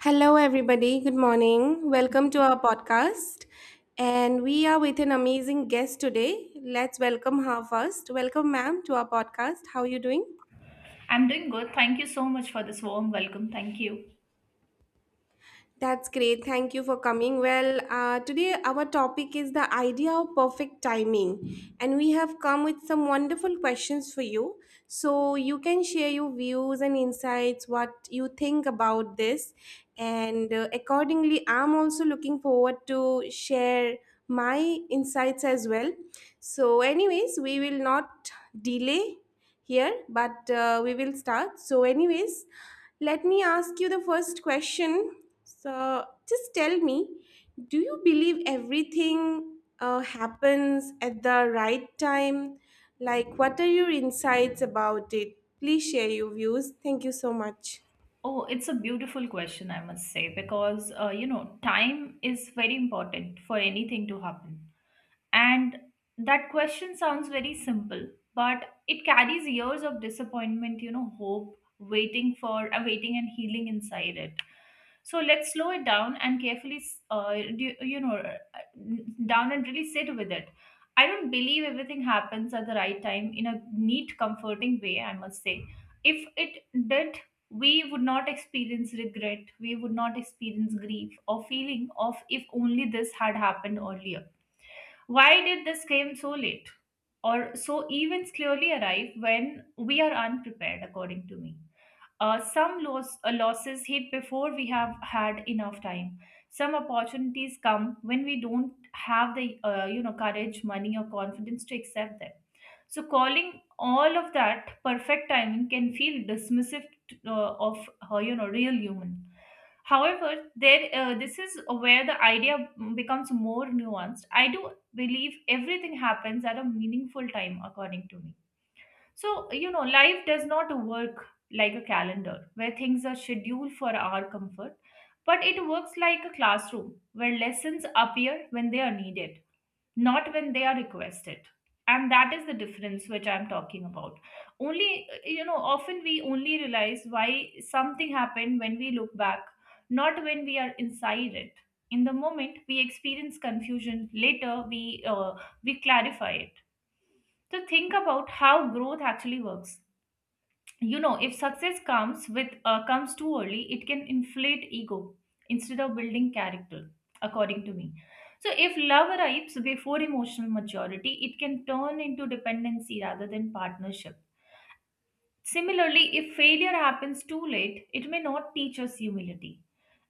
Hello, everybody. Good morning. Welcome to our podcast. And we are with an amazing guest today. Let's welcome her first. Welcome, ma'am, to our podcast. How are you doing? I'm doing good. Thank you so much for this warm welcome. Thank you. That's great. Thank you for coming. Well, today our topic is the idea of perfect timing, and we have come with some wonderful questions for you. So you can share your views and insights, what you think about this, and accordingly, I'm also looking forward to share my insights as well. So, anyways, we will not delay here, but we will start. So, anyways, let me ask you the first question, so just tell me, do you believe everything happens at the right time? Like, what are your insights about it? Please share your views. Thank you so much. Oh, it's a beautiful question, I must say, because you know, time is very important for anything to happen. And that question sounds very simple, but it carries years of disappointment, you know, hope, waiting for, waiting and healing inside it. So let's slow it down and carefully, uh, do, you know, uh, down and really sit with it. I don't believe everything happens at the right time in a neat, comforting way, I must say. If it did, we would not experience regret, we would not experience grief or feeling of if only this had happened earlier, why did this came so late? Or so events clearly arrive when we are unprepared, according to me. Some losses hit before we have had enough time. Some opportunities come when we don't have the courage, money, or confidence to accept them. So calling all of that perfect timing can feel dismissive of real human. However, there this is where the idea becomes more nuanced. I do believe everything happens at a meaningful time, according to me. So, you know, life does not work like a calendar where things are scheduled for our comfort, but it works like a classroom where lessons appear when they are needed, not when they are requested. And that is the difference which I'm talking about. Often we only realize why something happened when we look back, not when we are inside it. In the moment, we experience confusion. Later, we clarify it to think about how growth actually works. You know, if success comes too early, it can inflate ego instead of building character, according to me. So, if love arrives before emotional maturity, it can turn into dependency rather than partnership. Similarly, if failure happens too late, it may not teach us humility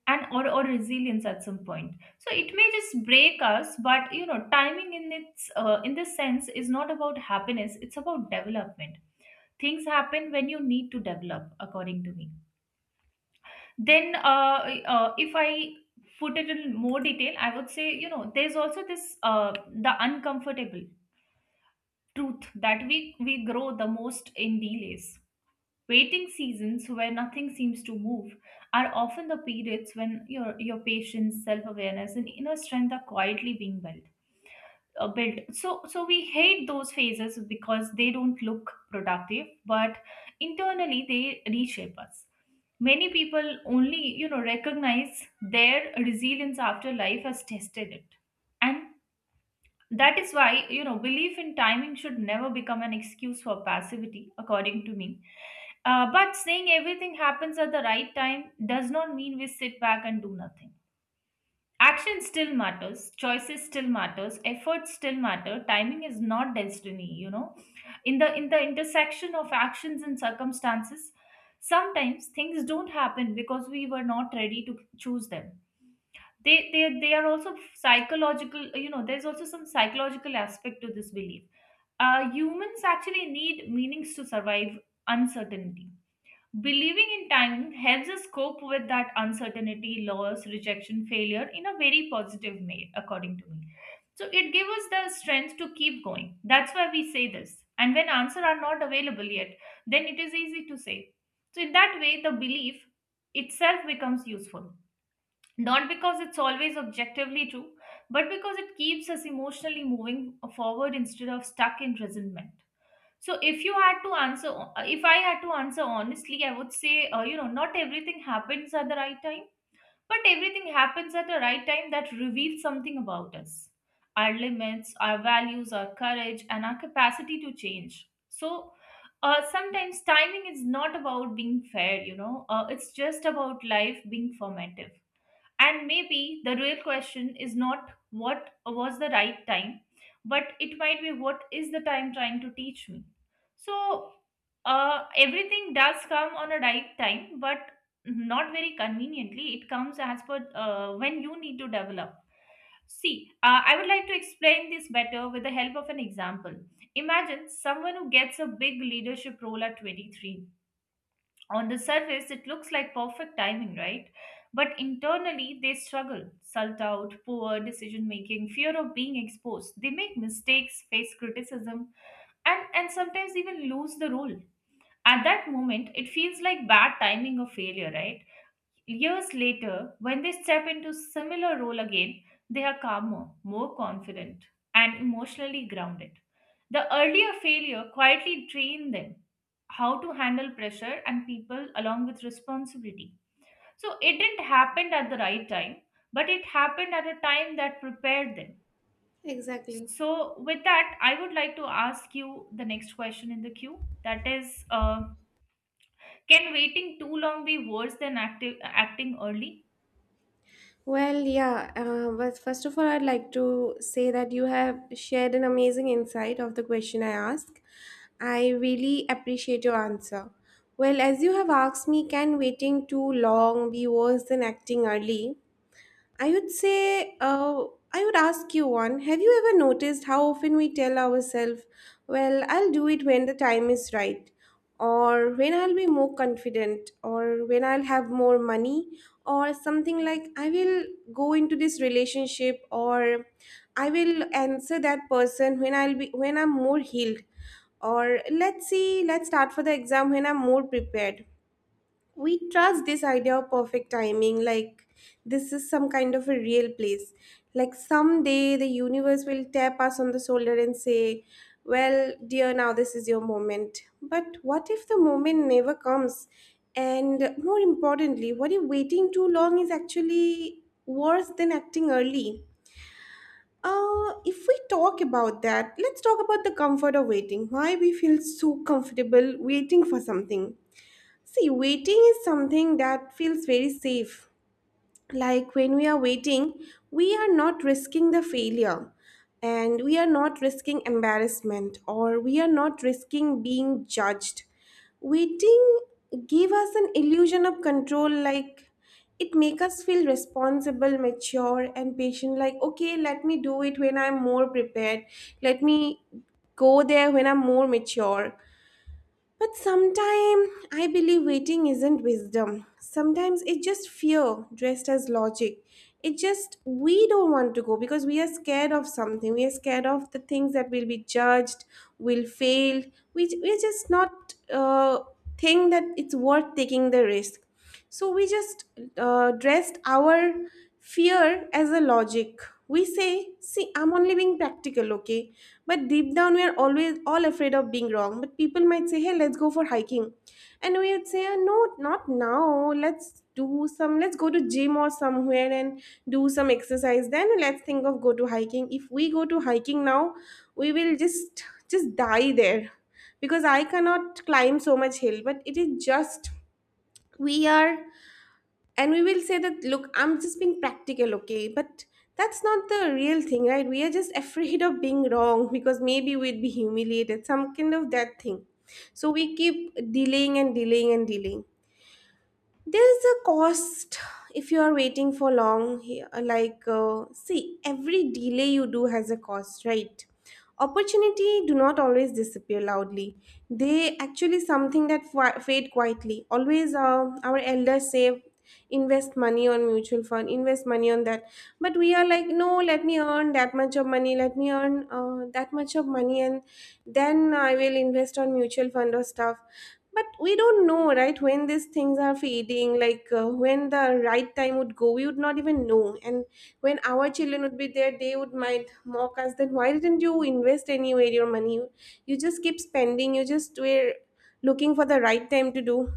or resilience at some point. So it may just break us, but you know, timing in its in this sense is not about happiness; it's about development. Things happen when you need to develop, according to me. Then uh, uh, if i put it in more detail, I would say, you know, there's also this uh, the uncomfortable truth that we grow the most in delays. Waiting seasons where nothing seems to move are often the periods when your patience, self awareness, and inner strength are quietly being built. So we hate those phases because they don't look productive, but internally they reshape us. Many people only, you know, recognize their resilience after life has tested it, and that is why, you know, belief in timing should never become an excuse for passivity, according to me. But saying everything happens at the right time does not mean we sit back and do nothing. Action still matters, choices still matters, efforts still matter. Timing is not destiny, you know. In the intersection of actions and circumstances, sometimes things don't happen because we were not ready to choose them. They are also psychological. You know, there's also some psychological aspect to this belief. Humans actually need meanings to survive uncertainty. Believing in time helps us cope with that uncertainty, loss, rejection, failure in a very positive way, according to me. So it gives us the strength to keep going. That's why we say this. And when answers are not available yet, then it is easy to say. So in that way, the belief itself becomes useful, not because it's always objectively true, but because it keeps us emotionally moving forward instead of stuck in resentment. So, if you had to answer, if I had to answer honestly, I would say, you know, not everything happens at the right time, but everything happens at the right time that reveals something about us, our limits, our values, our courage, and our capacity to change. So, sometimes timing is not about being fair, you know, it's just about life being formative. And maybe the real question is not what was the right time, but it might be what is the time trying to teach me. So, everything does come on a right time, but not very conveniently. It comes as per when you need to develop. See, I would like to explain this better with the help of an example. Imagine someone who gets a big leadership role at 23. On the surface, it looks like perfect timing, right? But internally, they struggle. Sult out, poor decision making, fear of being exposed. They make mistakes, face criticism, and sometimes even lose the role. At that moment, it feels like bad timing or failure, right? Years later, when they step into similar role again, they are calmer, more confident, and emotionally grounded. The earlier failure quietly trained them how to handle pressure and people along with responsibility. So it didn't happen at the right time, but it happened at a time that prepared them. Exactly. So with that, I would like to ask you the next question in the queue. That is, can waiting too long be worse than acting early? Well, yeah, but first of all, I'd like to say that you have shared an amazing insight of the question I asked. I really appreciate your answer. Well, as you have asked me, can waiting too long be worse than acting early? I would say, I would ask you one. Have you ever noticed how often we tell ourselves, well, I'll do it when the time is right, or when I'll be more confident, or when I'll have more money, or something like, I will go into this relationship, or I will answer that person when I'll be when I'm more healed, or let's see, let's start for the exam when I'm more prepared. We trust this idea of perfect timing, like this is some kind of a real place. Like someday the universe will tap us on the shoulder and say, well, dear, now this is your moment. But what if the moment never comes? And more importantly, what if waiting too long is actually worse than acting early? If we talk about that, let's talk about the comfort of waiting. Why we feel so comfortable waiting for something. See, waiting is something that feels very safe. Like when we are waiting, we are not risking the failure, and we are not risking embarrassment, or we are not risking being judged. Waiting give us an illusion of control, like it make us feel responsible, mature and patient, like okay, let me do it when I'm more prepared. Let me go there when I'm more mature. But sometimes I believe waiting isn't wisdom. Sometimes it's just fear dressed as logic. It's just we don't want to go because we are scared of something. We are scared of the things that will be judged, will fail. We're just not think that it's worth taking the risk. So we just dressed our fear as a logic. We say, see, I'm only being practical, okay? But deep down, we are always all afraid of being wrong. But people might say, hey, let's go for hiking. And we would say, no, not now. Let's do some, let's go to gym or somewhere and do some exercise. Then let's think of go to hiking. If we go to hiking now, we will just die there because I cannot climb so much hill." But it is just, we are, and we will say that look, I'm just being practical, okay? But that's not the real thing, right? We are just afraid of being wrong because maybe we'd be humiliated, some kind of that thing. So we keep delaying and delaying and delaying. There's a cost if you are waiting for long here, like see, every delay you do has a cost, right? Opportunity do not always disappear loudly. They actually something that fade quietly. Always Our elders say, invest money on mutual fund, invest money on that, but we are like no, let me earn that much of money, let me earn that much of money, and then I will invest on mutual fund or stuff. But we don't know, right, when these things are fading, like when the right time would go, we would not even know. And when our children would be there, they would might mock us that why didn't you invest anywhere your money? You just keep spending, you just were looking for the right time to do.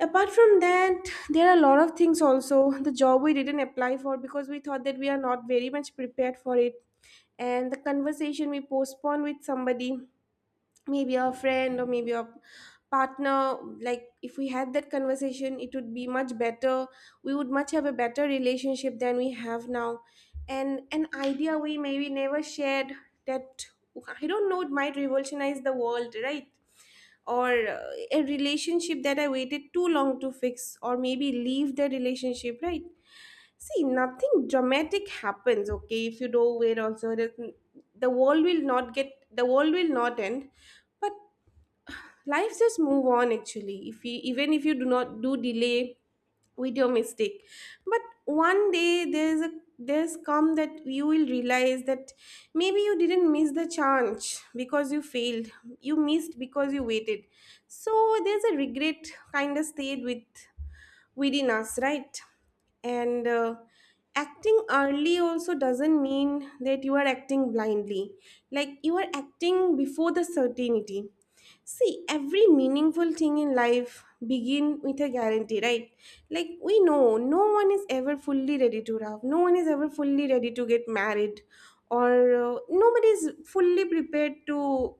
Apart from that, there are a lot of things also. The job we didn't apply for because we thought that we are not very much prepared for it. And the conversation we postponed with somebody, maybe a friend or maybe a partner. Like if we had that conversation it would be much better, we would much have a better relationship than we have now. And an idea we maybe never shared, that I don't know, it might revolutionize the world, right? Or a relationship that I waited too long to fix, or maybe leave the relationship, right? See, nothing dramatic happens, okay? If you do not wait also, it doesn't- the world will not get, the world will not end, but life just move on. Actually, if you even if you do not do delay with your mistake, but one day there's a, there's come that you will realize that maybe you didn't miss the chance because you failed, you missed because you waited. So there's a regret kind of stayed with within us, right? And acting early also doesn't mean that you are acting blindly. Like you are acting before the certainty. See, every meaningful thing in life begin with a guarantee, right? Like we know no one is ever fully ready to love, no one is ever fully ready to get married, or nobody is fully prepared to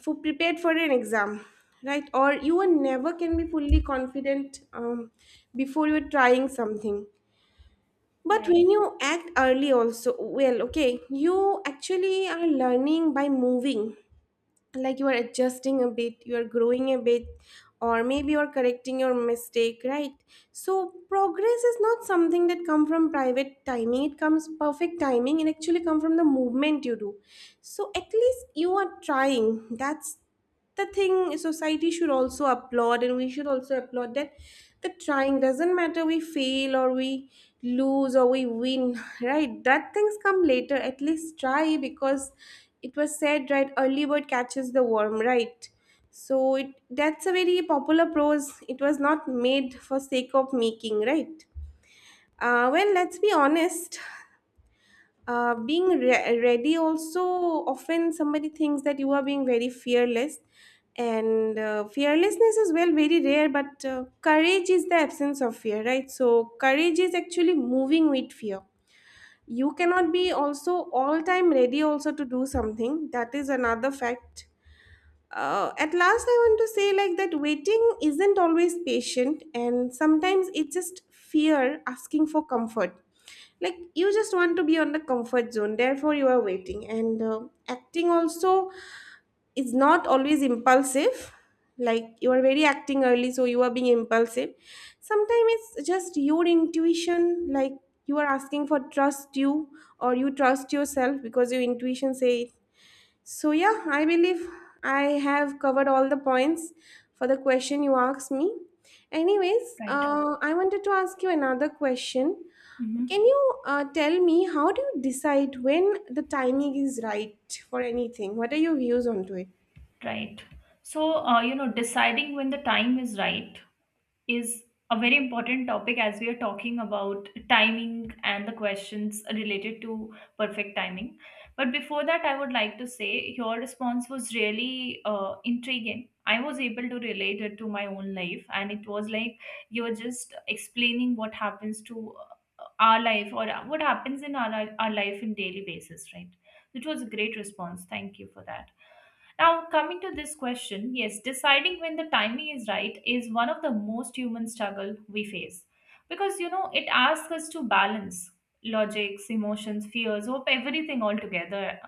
for prepared for an exam, right? Or you are never can be fully confident, before you're trying something. But Right. when you act early also, well, okay, you actually are learning by moving, like you are adjusting a bit, you are growing a bit, or maybe you're correcting your mistake, right? So progress is not something that come from private timing it comes perfect timing, it actually come from the movement you do. So at least you are trying, that's the thing society should also applaud, and we should also applaud that. The trying doesn't matter, we fail or we lose or we win right? That things come later. At least try, because it was said, right, early bird catches the worm, right? So it that's a very popular prose, it was not made for sake of making, right? Well, let's be honest. Being ready also, often somebody thinks that you are being very fearless, and fearlessness is well very rare, but courage is the absence of fear, right? So courage is actually moving with fear. You cannot be also all time ready also to do something, that is another fact. At last I want to say like that, waiting isn't always patient, and sometimes it's just fear asking for comfort. Like you just want to be on the comfort zone, therefore you are waiting. And acting also is not always impulsive, like you are very acting early so you are being impulsive. Sometimes it's just your intuition, like you are asking for trust you, or you trust yourself because your intuition say. So, yeah, I believe I have covered all the points for the question you asked me. Anyways, Right. I wanted to ask you another question. Hmm. Can you tell me how do you decide when the timing is right for anything? What are your views onto it? Right. So, you know, deciding when the time is right is a very important topic as we are talking about timing and the questions related to perfect timing. But before that, I would like to say your response was really intriguing. I was able to relate it to my own life, and it was like you're just explaining what happens to our life or what happens in our life in daily basis, right? It was a great response. Thank you for that. Now, coming to this question, yes, deciding when the timing is right is one of the most human struggle we face, because you know it asks us to balance logics, emotions, fears, hope, everything all together.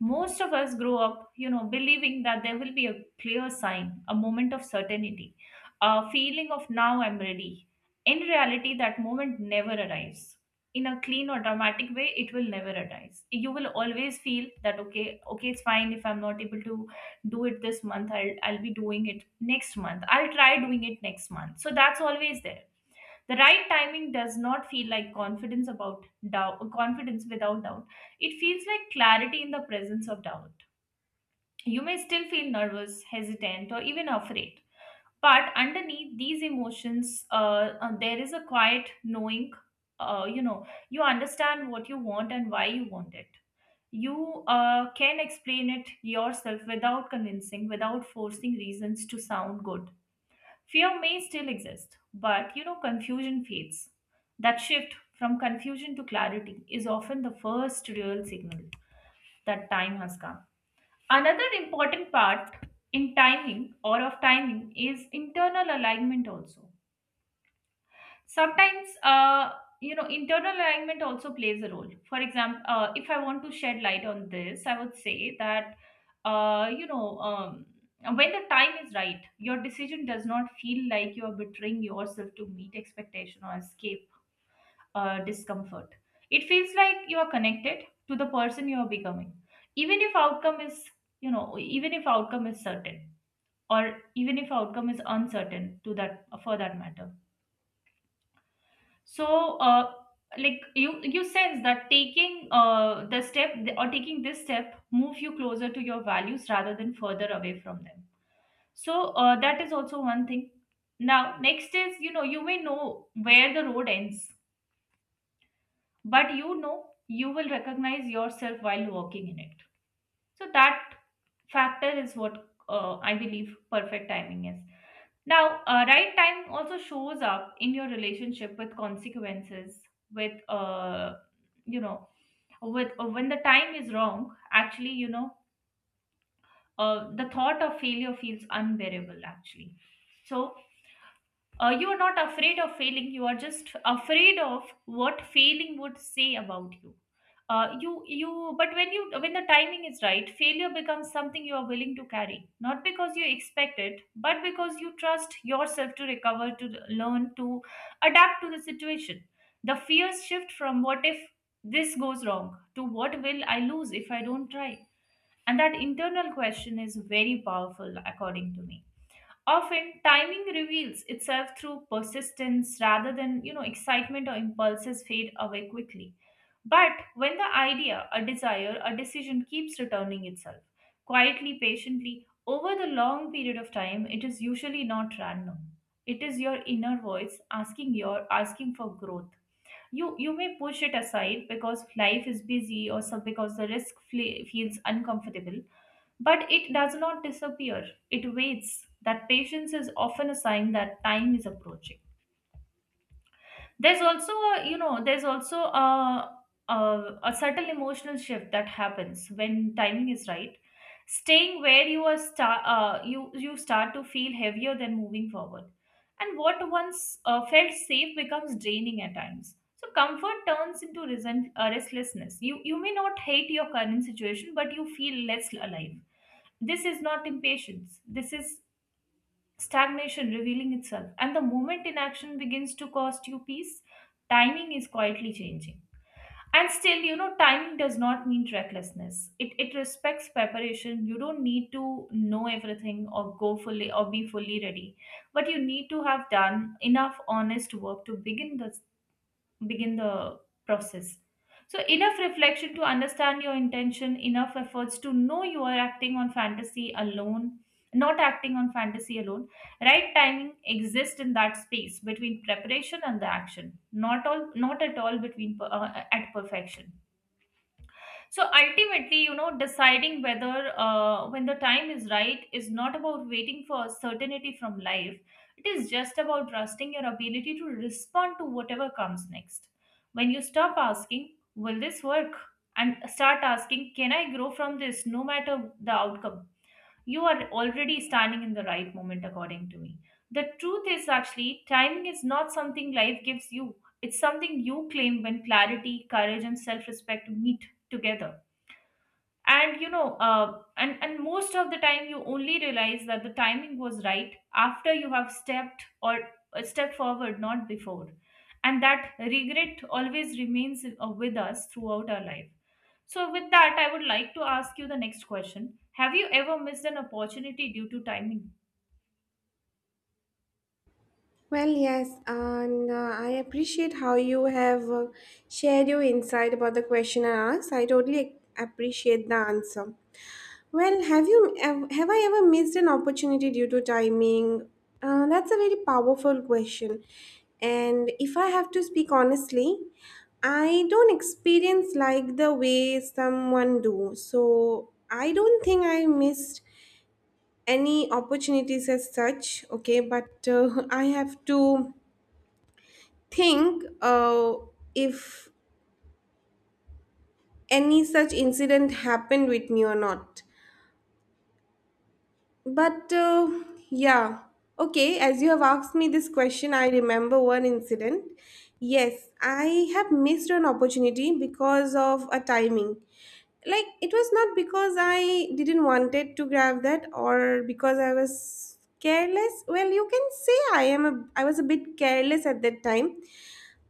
Most of us grow up, you know, believing that there will be a clear sign, a moment of certainty, a feeling of now I'm ready. In reality, that moment never arrives in a clean or dramatic way. It will never arise. You will always feel that okay, okay, it's fine if I'm not able to do it this month, I'll be doing it next month, I'll try doing it next month. So that's always there. The right timing does not feel like confidence about doubt, confidence without doubt. It feels like clarity in the presence of doubt. You may still feel nervous, hesitant, or even afraid. But underneath these emotions, there is a quiet knowing. You know, you understand what you want and why you want it. You can explain it yourself without convincing, without forcing reasons to sound good. Fear may still exist, but you know, confusion fades. That shift from confusion to clarity is often the first real signal that time has come. Another important part in timing or of timing is internal alignment also. Sometimes You know, internal alignment also plays a role. For example, if I want to shed light on this, I would say that, uh, you know um, when the time is right your decision does not feel like you are betraying yourself to meet expectation or escape discomfort. It feels like you are connected to the person you are becoming, even if outcome is certain, or even if outcome is uncertain to that, for that matter. So, you sense that taking the step or taking this step move you closer to your values rather than further away from them. So that is also one thing. Now, next is, you know, you may know where the road ends, but you know you will recognize yourself while walking in it. So that factor is what I believe perfect timing is. Now, right time also shows up in your relationship with consequences, with, you know, with when the time is wrong, actually, you know, the thought of failure feels unbearable, actually. So, you are not afraid of failing, you are just afraid of what failing would say about you. But when the timing is right, failure becomes something you are willing to carry, not because you expect it but because you trust yourself to recover, to learn, to adapt to the situation. The fears shift from what if this goes wrong to what will I lose if I don't try. And that internal question is very powerful, according to me. Often, timing reveals itself through persistence rather than, you know, excitement or impulses fade away quickly. But when the idea, a desire, a decision keeps returning itself, quietly, patiently, over the long period of time, it is usually not random. It is your inner voice asking for growth. You may push it aside because life is busy, or some because the feels uncomfortable, but it does not disappear. It waits. That patience is often a sign that time is approaching. There's also a, you know there's also a a subtle emotional shift that happens when timing is right. Staying where you are start you you start to feel heavier than moving forward, and what once felt safe becomes draining at times. So comfort turns into restlessness. You may not hate your current situation, but you feel less alive. This is not impatience, this is stagnation revealing itself. And the moment inaction begins to cost you peace, timing is quietly changing. And still, timing does not mean recklessness. It respects preparation. You don't need to know everything or go fully or be fully ready, but you need to have done enough honest work to begin the process. So, enough reflection to understand your intention, enough efforts to know you are acting on fantasy alone, not acting on fantasy alone. Right timing exists in that space between preparation and the action, not at all at perfection. So ultimately, deciding whether when the time is right is not about waiting for certainty from life. It is just about trusting your ability to respond to whatever comes next. When you stop asking, will this work? And start asking, can I grow from this no matter the outcome? You are already standing in the right moment, according to me. The truth is actually, timing is not something life gives you, it's something you claim when clarity, courage, and self respect meet together. And most of the time you only realize that the timing was right after you have stepped forward, not before. And that regret always remains with us throughout our life. So with that, I would like to ask you the next question: have you ever missed an opportunity due to timing? Well, yes, and I appreciate how you have shared your insight about the question I asked. I totally appreciate the answer. Well, have I ever missed an opportunity due to timing? That's a very powerful question. And if I have to speak honestly, I don't experience like the way someone do. So I don't think I missed any opportunities as such. Okay, but I have to think if any such incident happened with me or not. But yeah, okay, as you have asked me this question, I remember one incident. Yes, I have missed an opportunity because of a timing. Like, it was not because I didn't wanted to grab that or because I was careless. Well, you can say I was a bit careless at that time.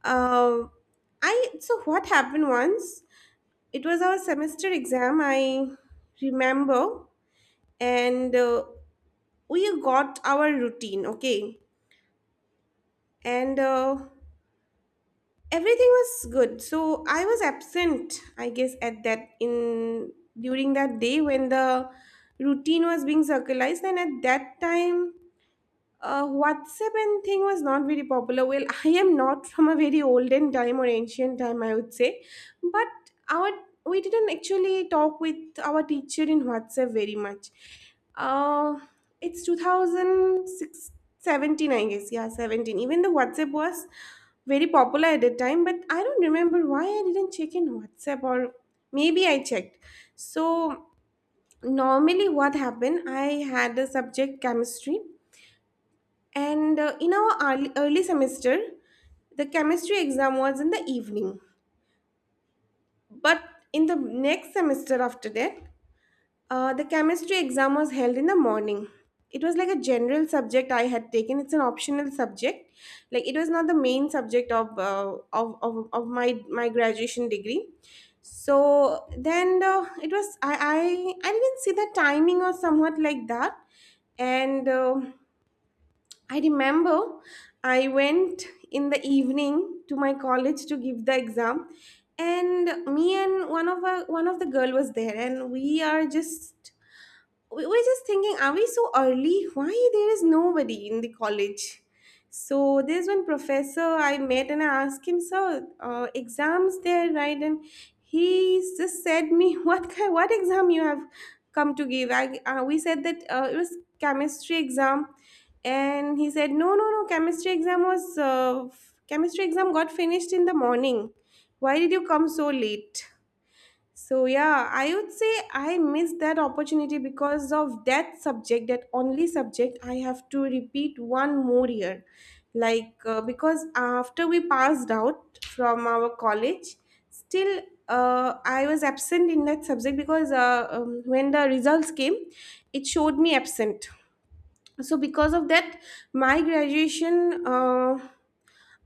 Uh, I so what happened once, it was our semester exam, I remember, and we got our routine, okay? And everything was good. So I was absent, I guess, at that in during that day when the routine was being circularized, and at that time WhatsApp and thing was not very popular. Well, I am not from a very olden time or ancient time, I would say, but our we didn't actually talk with our teacher in WhatsApp very much. Uh, it's 2006, I guess. Yeah, 17. Even the WhatsApp was very popular at that time, but I don't remember why I didn't check in WhatsApp or maybe I checked. So normally what happened, I had a subject chemistry and in our early semester, the chemistry exam was in the evening. But in the next semester after that, the chemistry exam was held in the morning. It was like a general subject I had taken. It's an optional subject. Like it was not the main subject of of my graduation degree. So then it was I didn't see the timing or somewhat like that and I remember I went in the evening to my college to give the exam, and me and one of the girl was there, and we were just thinking, are we so early? Why there is nobody in the college? So there's one professor I met and I asked him, sir, exams there, right? And he just said me, what exam you have come to give? We said that it was chemistry exam, and he said, no, no, no, chemistry exam was chemistry exam got finished in the morning. Why did you come so late? So yeah, I would say I missed that opportunity because of that subject, that only subject I have to repeat one more year. Like because after we passed out from our college, still I was absent in that subject because when the results came, it showed me absent. So because of that, my graduation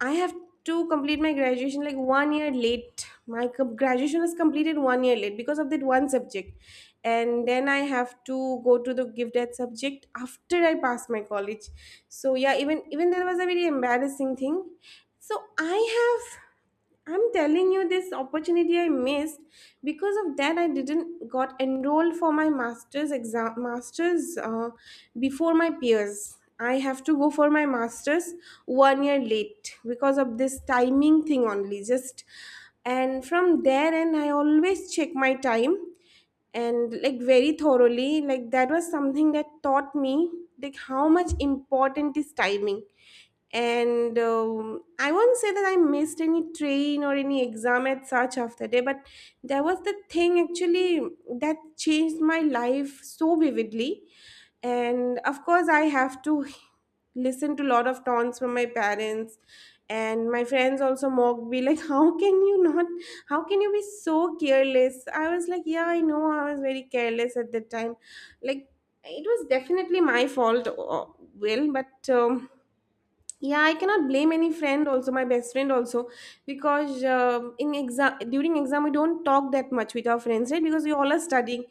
I have to complete my graduation like 1 year late. My graduation is completed 1 year late because of that one subject. And then I have to go to the give that subject after I pass my college. So yeah, even that was a very embarrassing thing. So have I'm telling you this opportunity I missed because of that I didn't got enrolled for my master's exam master's before my peers. I have to go for my master's 1 year late because of this timing thing only just, and from there and I always check my time and like very thoroughly, like that was something that taught me like how much important is timing, and I won't say that I missed any train or any exam at such after day, but there was the thing actually that changed my life so vividly. And of course I have to listened to a lot of taunts from my parents, and my friends also mocked me like how can you not how can you be so careless? I was like, yeah, I know I was very careless at that time. Like it was definitely my fault, will but yeah, I cannot blame any friend, also my best friend also, because in exam, during exam, we don't talk that much with our friends, right? Because we all are studying,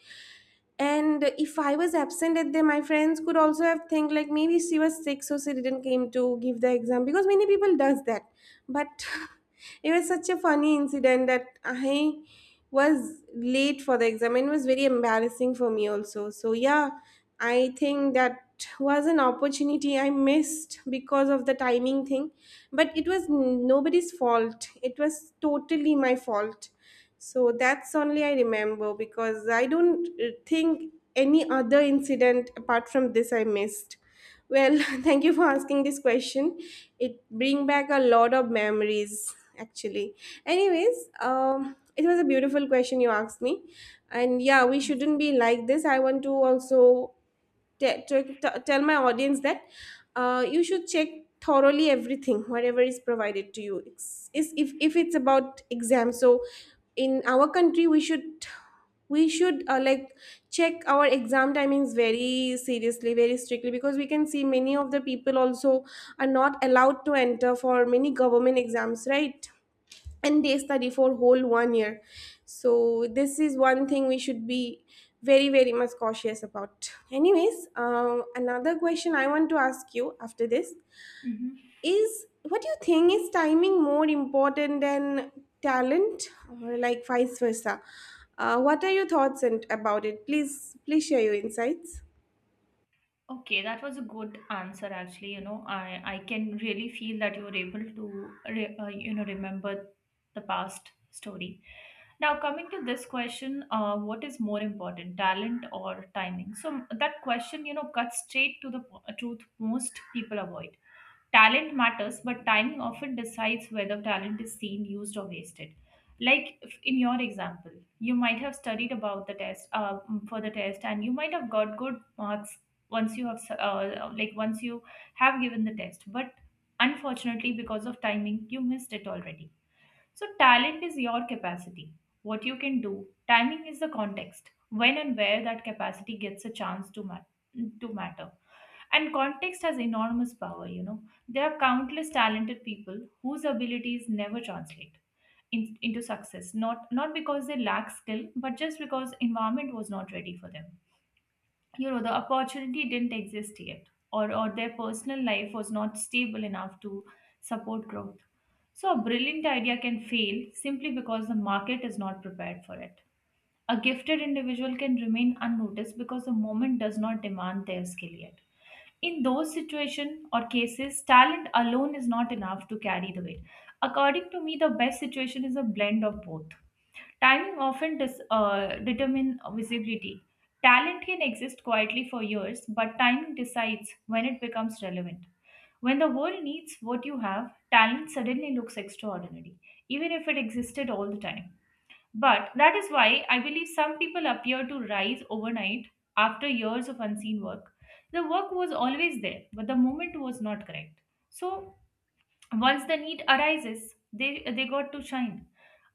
and if I was absent at there, my friends could also have think like maybe she was sick so she didn't came to give the exam, because many people does that. But it was such a funny incident that I was late for the exam, and it was very embarrassing for me also. So yeah, I think that was an opportunity I missed because of the timing thing, but it was nobody's fault, it was totally my fault. So that's only I remember, because I don't think any other incident apart from this I missed. Well, thank you for asking this question. It bring back a lot of memories, actually. Anyways, it was a beautiful question you asked me, and yeah, we shouldn't be like this. I want to also tell my audience that you should check thoroughly everything whatever is provided to you, is if it's about exam, so in our country we should like check our exam timings very seriously, very strictly, because we can see many of the people also are not allowed to enter for many government exams, right? And they study for whole 1 year. So this is one thing we should be very very much cautious about. Anyways, another question I want to ask you after this Mhm. is, what do you think, is timing more important than talent or like vice versa? What are your thoughts and about it? Please share your insights. Okay, that was a good answer actually. You know, I can really feel that you were able to you know, remember the past story. Now coming to this question, what is more important, talent or timing? So that question, you know, cuts straight to the truth most people avoid. Talent matters, but timing often decides whether talent is seen, used, or wasted. Like in your example, you might have studied about the test for the test, and you might have got good marks once you have once you have given the test, but unfortunately, because of timing, you missed it already. So talent is your capacity, what you can do. Timing is the context, when and where that capacity gets a chance to matter. And context has enormous power, you know. There are countless talented people whose abilities never translate into success, not because they lack skill, but just because environment was not ready for them. You know, the opportunity didn't exist yet, or their personal life was not stable enough to support growth. So a brilliant idea can fail simply because the market is not prepared for it. A gifted individual can remain unnoticed because the moment does not demand their skill yet. In those situations or cases, talent alone is not enough to carry the weight. According to me, the best situation is a blend of both. Timing often determine visibility. Talent can exist quietly for years, but timing decides when it becomes relevant. When the world needs what you have, talent suddenly looks extraordinary, even if it existed all the time. But that is why I believe some people appear to rise overnight after years of unseen work. The work was always there, but the moment was not correct. So once the need arises, they got to shine.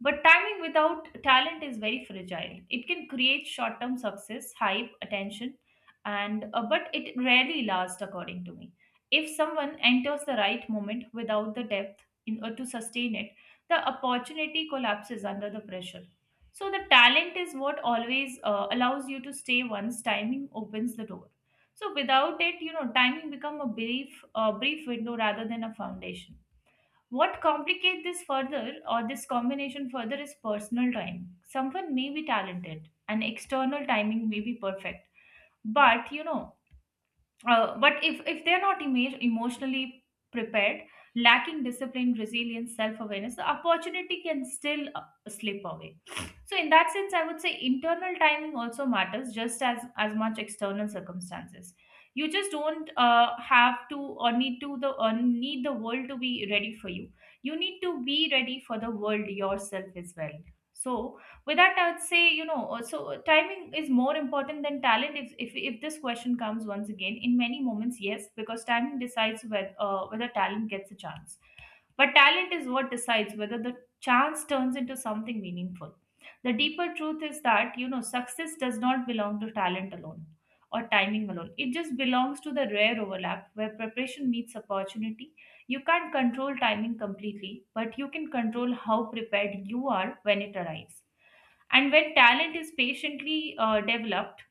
But timing without talent is very fragile. It can create short term success, hype, attention, and but it rarely lasts, according to me. If someone enters the right moment without the depth in order to sustain it, the opportunity collapses under the pressure. So the talent is what always allows you to stay once timing opens the door. So without it, you know, timing become a brief window rather than a foundation. What complicates this further or this combination further is personal time. Someone may be talented and external timing may be perfect, but but if they're not emotionally prepared, lacking discipline, resilience, self awareness, the opportunity can still slip away. So in that sense, I would say internal timing also matters just as much external circumstances. You just don't have to or need to the or need the world to be ready for you. You need to be ready for the world yourself as well. So with that, I would say timing is more important than talent. If this question comes once again, in many moments, yes, because timing decides whether talent gets a chance, but talent is what decides whether the chance turns into something meaningful. The deeper truth is that, you know, success does not belong to talent alone or timing alone. It just belongs to the rare overlap where preparation meets opportunity. You can't control timing completely, but you can control how prepared you are when it arrives. And when talent is patiently developed,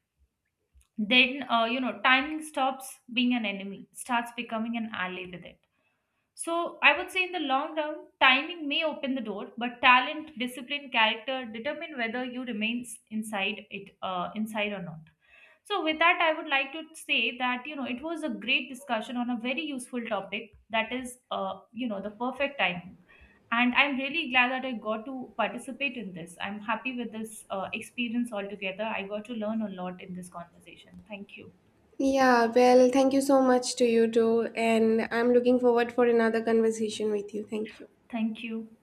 then, you know, timing stops being an enemy, starts becoming an ally with it. So, I would say in the long run, timing may open the door, but talent, discipline, character determine whether you inside it, inside or not. So, with that, I would like to say that you know it was a great discussion on a very useful topic, that is, you know, the perfect timing. And I'm really glad that I got to participate in this. I'm happy with this experience altogether. I got to learn a lot in this conversation. Thank you. Yeah, well, thank you so much to you too, and I'm looking forward for another conversation with you. Thank you. Thank you.